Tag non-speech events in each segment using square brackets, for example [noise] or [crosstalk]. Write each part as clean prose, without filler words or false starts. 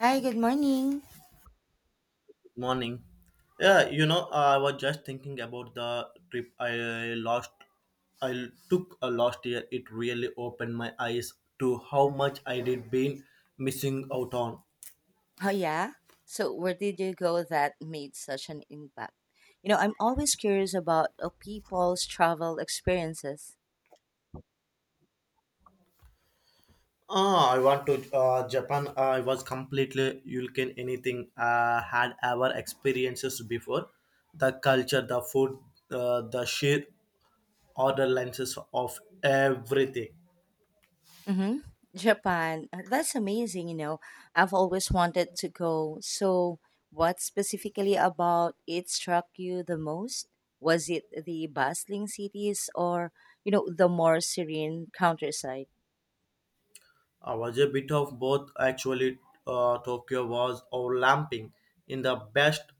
Hi, good morning. Morning. Yeah, you know, I was just thinking about the trip I lost. I took a last year. It really opened my eyes to how much I did been missing out on. Oh, yeah. So, where did you go that made such an impact? You know, I'm always curious about people's travel experiences. Ah, I want to Japan. I was completely looking anything I had ever experiences before. The culture, the food, the sheer order lenses of everything. Mm-hmm. Japan. That's amazing, you know. I've always wanted to go. So, what specifically about it struck you the most? Was it the bustling cities or, you know, the more serene countryside? I was a bit of both actually. Tokyo was overlapping in the best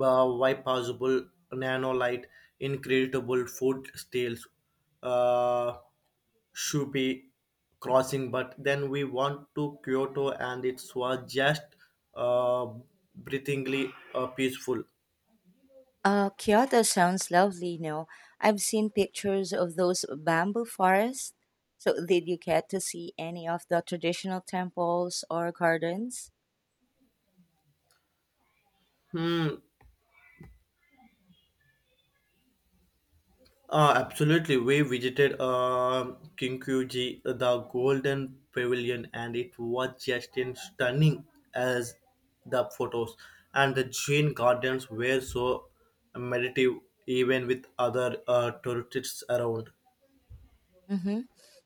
way possible nanolite, incredible food steals, uh, Shupi crossing. But then we went to Kyoto and it was just uh, breathingly peaceful. Kyoto sounds lovely, you know. I've seen pictures of those bamboo forests. So, did you get to see any of the traditional temples or gardens? Hmm. Absolutely. We visited Kinkuji, the Golden Pavilion, and it was just in stunning as the photos. And the Jane Gardens were so meditative, even with other tourists around. Mm-hmm.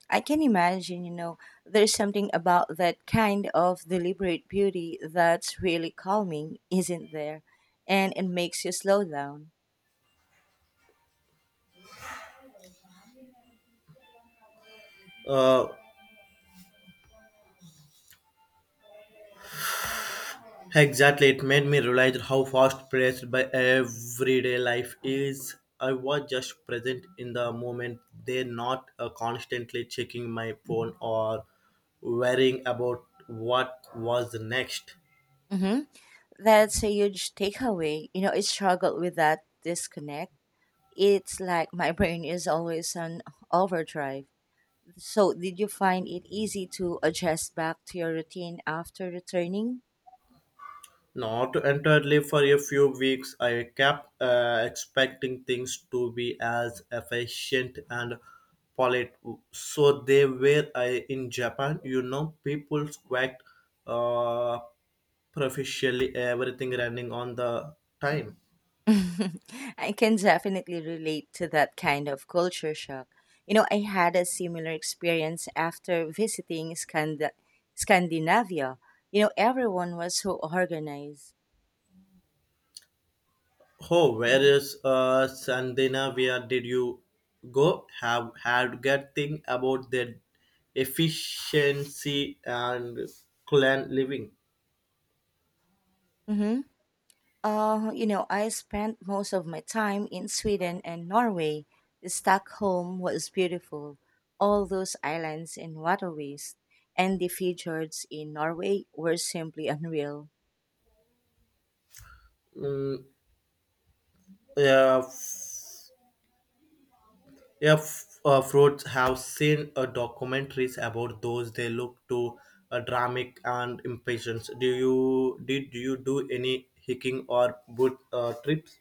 I can imagine, you know, there's something about that kind of deliberate beauty that's really calming, isn't there? And it makes you slow down. Uh, Exactly, it made me realize how fast paced by everyday life is. I was just present in the moment. They're not constantly checking my phone or worrying about what was next. Mm-hmm. That's a huge takeaway. You know, I struggle with that disconnect. It's like my brain is always on overdrive. So, did you find it easy to adjust back to your routine after returning? Not entirely for a few weeks. I kept expecting things to be as efficient and polite. So they were I, in Japan, you know, people quite uh, proficiently everything running on the time. [laughs] I can definitely relate to that kind of culture shock. You know, I had a similar experience after visiting Scandinavia. You know, everyone was so organized. Oh, where is Scandinavia? Did you go? Have had good thing about their efficiency and clan living? Mm-hmm. You know, I spent most of my time in Sweden and Norway. Stockholm was beautiful, all those islands and waterways, and the fjords in Norway were simply unreal. Mm. Yeah, fruits have seen documentaries about those. They look too dramatic and impatient. Do you did you do any hiking or boot trips?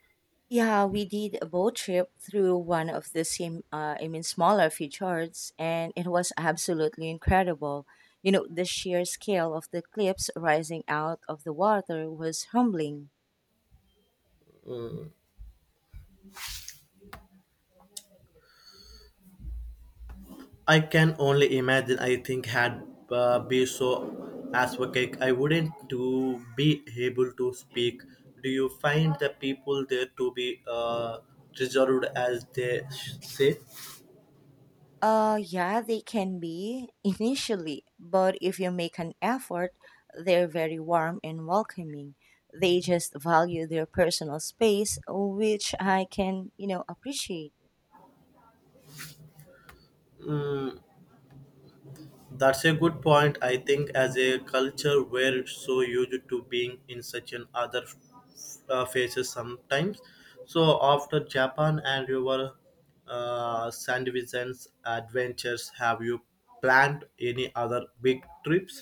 Yeah, we did a boat trip through one of the smaller fjords, and it was absolutely incredible. You know, the sheer scale of the cliffs rising out of the water was humbling. I can only imagine. I think had be so as a cake, I wouldn't to be able to speak. Do you find the people there to be reserved as they say? Yeah, they can be initially, but if you make an effort, they're very warm and welcoming. They just value their personal space, which I can, you know, appreciate. Mm. That's a good point. I think as a culture, we're so used to being in such an other faces sometimes. So after Japan and your Sandivision's adventures, have you planned any other big trips?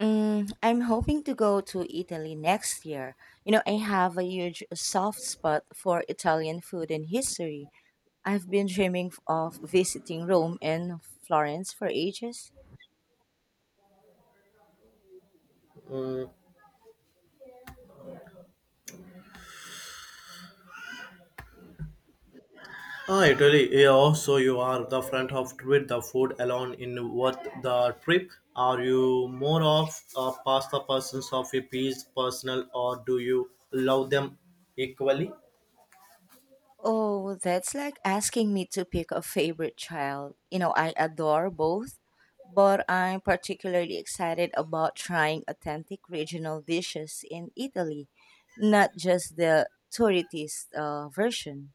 Mm, I'm hoping to go to Italy next year. You know, I have a huge soft spot for Italian food and history. I've been dreaming of visiting Rome and Florence for ages. Mm. Ah, Italy. Yeah, also you are the front of trip, the food alone in worth the trip. Are you more of a pasta persons of a piece personal or do you love them equally? Oh, that's like asking me to pick a favorite child. You know, I adore both, but I'm particularly excited about trying authentic regional dishes in Italy, not just the tourist version.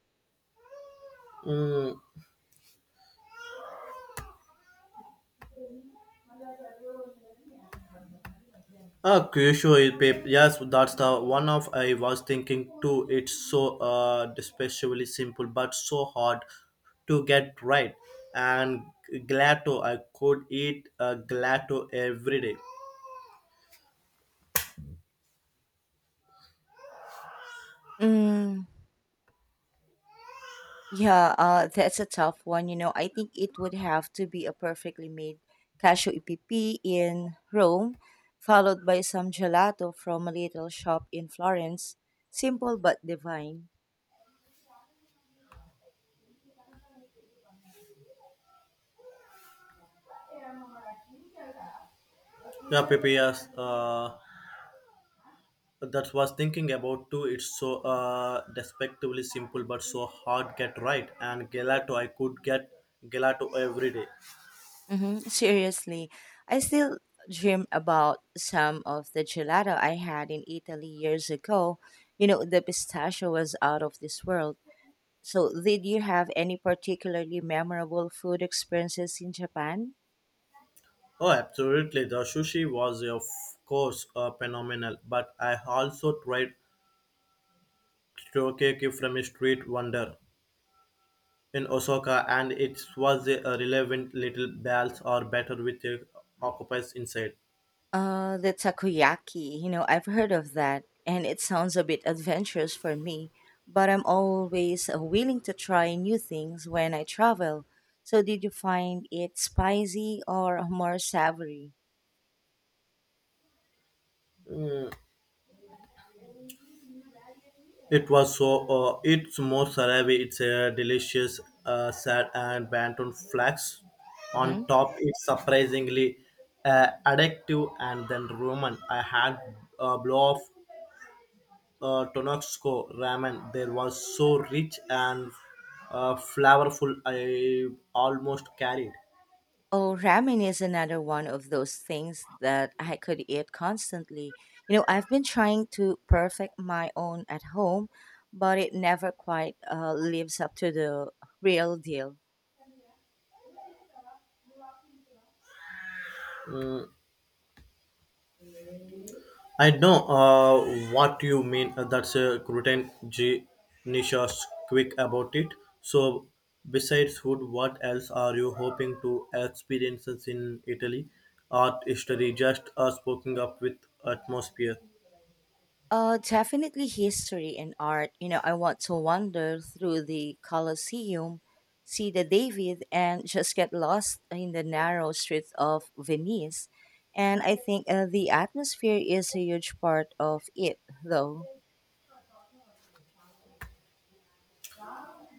Mm. Ah, Yes, that's the one of I was thinking too. It's so especially simple, but so hard to get right. And glad to I could eat glad to every day. Mm, yeah, that's a tough one. You know, I think it would have to be a perfectly made cashew EPP in Rome, followed by some gelato from a little shop in Florence. Simple but divine. Yeah, Pepe, yes. That was thinking about too. It's so respectively simple, but so hard get right. And gelato I could get gelato every day. Seriously, I still dream about some of the gelato I had in Italy years ago. You know, the pistachio was out of this world. So, did you have any particularly memorable food experiences in Japan? Oh, absolutely. The sushi was, of course, phenomenal, but I also tried teriyaki from a street vendor in Osaka, and it was a relevant little balls or batter with the octopus inside. The takoyaki, you know, I've heard of that, and it sounds a bit adventurous for me, but I'm always willing to try new things when I travel. So, did you find it spicy or more savory? It was so, it's more sarabi, it's a delicious sad and banton flax. On Mm-hmm. top, it's surprisingly addictive and then Roman. I had a blow off Tonopsco ramen there was so rich and flavorful I almost carried. Oh, ramen is another one of those things that I could eat constantly. You know, I've been trying to perfect my own at home, but it never quite lives up to the real deal. I know what you mean. That's a gluten G Nisha's quick about it. So besides food, what else are you hoping to experience in Italy? Art history, just speaking up with atmosphere. Definitely history and art. You know, I want to wander through the Colosseum, see the David, and just get lost in the narrow streets of Venice. And I think the atmosphere is a huge part of it, though.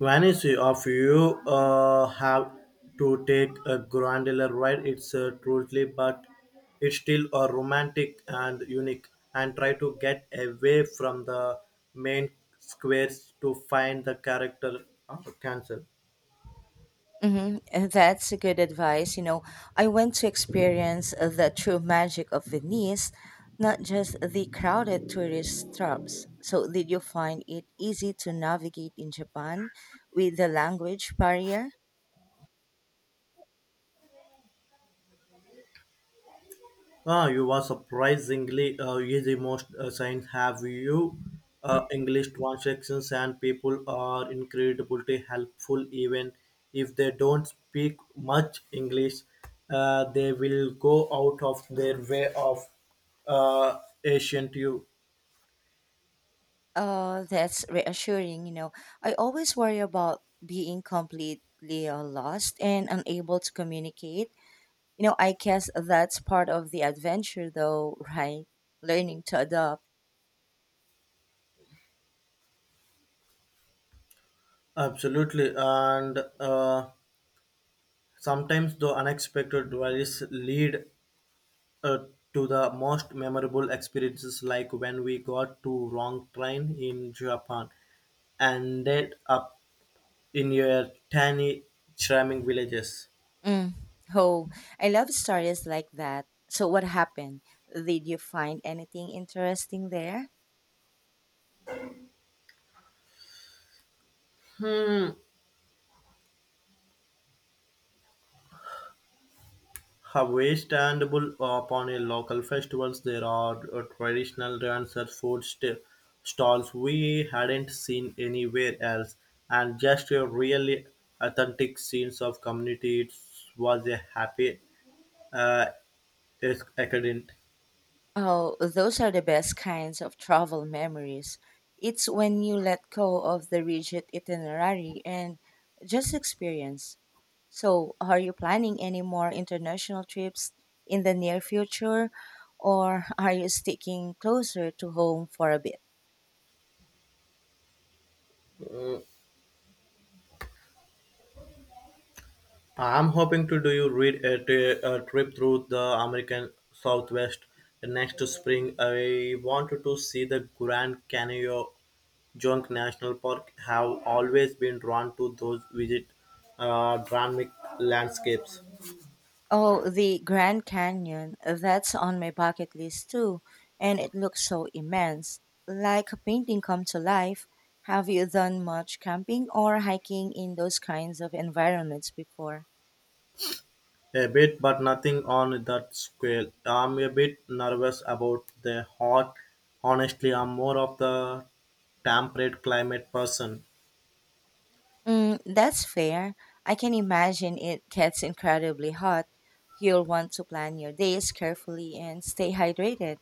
Vanish of you have to take a granular ride. It's truly, but it's still romantic and unique. And try to get away from the main squares to find the character of cancel. Mm-hmm. And that's a good advice. You know, I want to experience the true magic of Venice, not just the crowded tourist traps. So, did you find it easy to navigate in Japan with the language barrier? Ah, you are surprisingly easy. Most signs have you. English transactions and people are incredibly helpful even if they don't speak much English. They will go out of their way of Asian to you. That's reassuring. You know, I always worry about being completely lost and unable to communicate. You know, I guess that's part of the adventure, though, [laughs] right? Learning to adapt. Absolutely, and sometimes the unexpected worries lead uh, to the most memorable experiences, like when we got to wrong train in Japan and ended up in a tiny charming villages. Mm. Oh, I love stories like that. So, what happened? Did you find anything interesting there? How standable upon a local festivals, there are traditional dancers, stalls we hadn't seen anywhere else, and just a really authentic scenes of community. It was a happy uh, accident. Oh, those are the best kinds of travel memories. It's when you let go of the rigid itinerary and just experience. So, are you planning any more international trips in the near future, or are you sticking closer to home for a bit? I'm hoping to do you read a a trip through the American Southwest next spring. I wanted to see the Grand Canyon Junk National Park. Have always been drawn to those visit dramatic landscapes Oh, the Grand Canyon. That's on my bucket list too, and it looks so immense, like a painting come to life. Have you done much camping or hiking in those kinds of environments before? a bit, but nothing on that scale. I'm a bit nervous about the hot. Honestly, I'm more of the temperate climate person. Mm, that's fair. I can imagine it gets incredibly hot. You'll want to plan your days carefully and stay hydrated,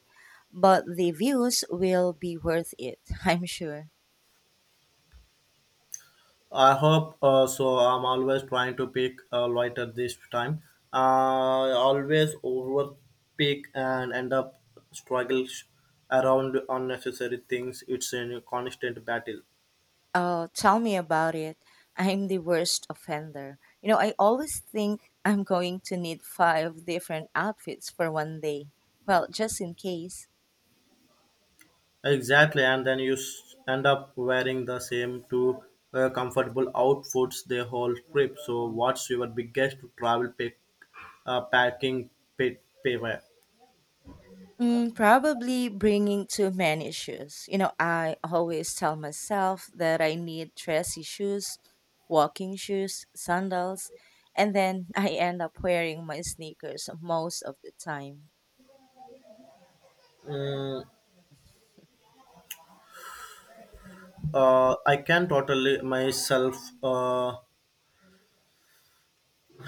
but the views will be worth it, [laughs] I'm sure. I hope so. I'm always trying to pick light this time. I always over and end up struggles around unnecessary things. It's a constant battle. Oh, tell me about it. I'm the worst offender. You know, I always think I'm going to need five different outfits for one day. Well, just in case. Exactly, and then you end up wearing the same two comfortable outfits the whole trip. So, what's your biggest travel pick packing pet? Pay, payware. Mm, probably bringing too many shoes. You know, I always tell myself that I need dressy shoes, walking shoes, sandals, and then [laughs] I end up wearing my sneakers most of the time. Mm, I can totally myself. Uh,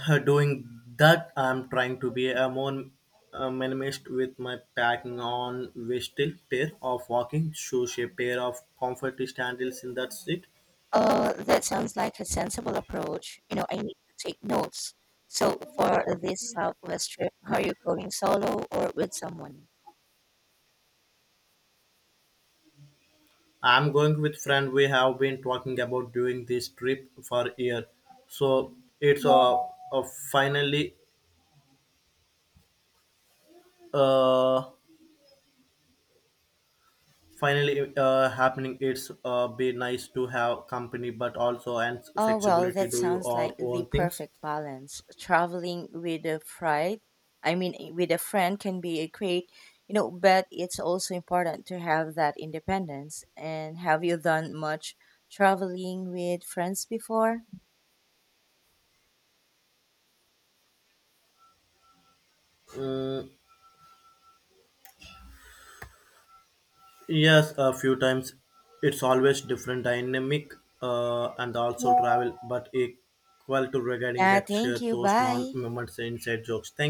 Doing that, I'm trying to be a more minimalist with my packing on with still pair of walking shoes a pair of comfort sandals and that's it. That sounds like a sensible approach. You know, I need to take notes. So for this Southwest trip, are you going solo or with someone? I'm going with friend. We have been talking about doing this trip for year, so it's uh finally uh happening. It's be nice to have company but also and Oh, well, flexibility that do sounds your like the own things. perfect balance. Traveling with a friend, with a friend can be a great, you know, but it's also important to have that independence. And have you done much traveling with friends before? Mm. Yes, a few times. It's always different dynamic and also travel, but equal to regarding Yeah, get share thank you. those non Bye. moments inside jokes. Thank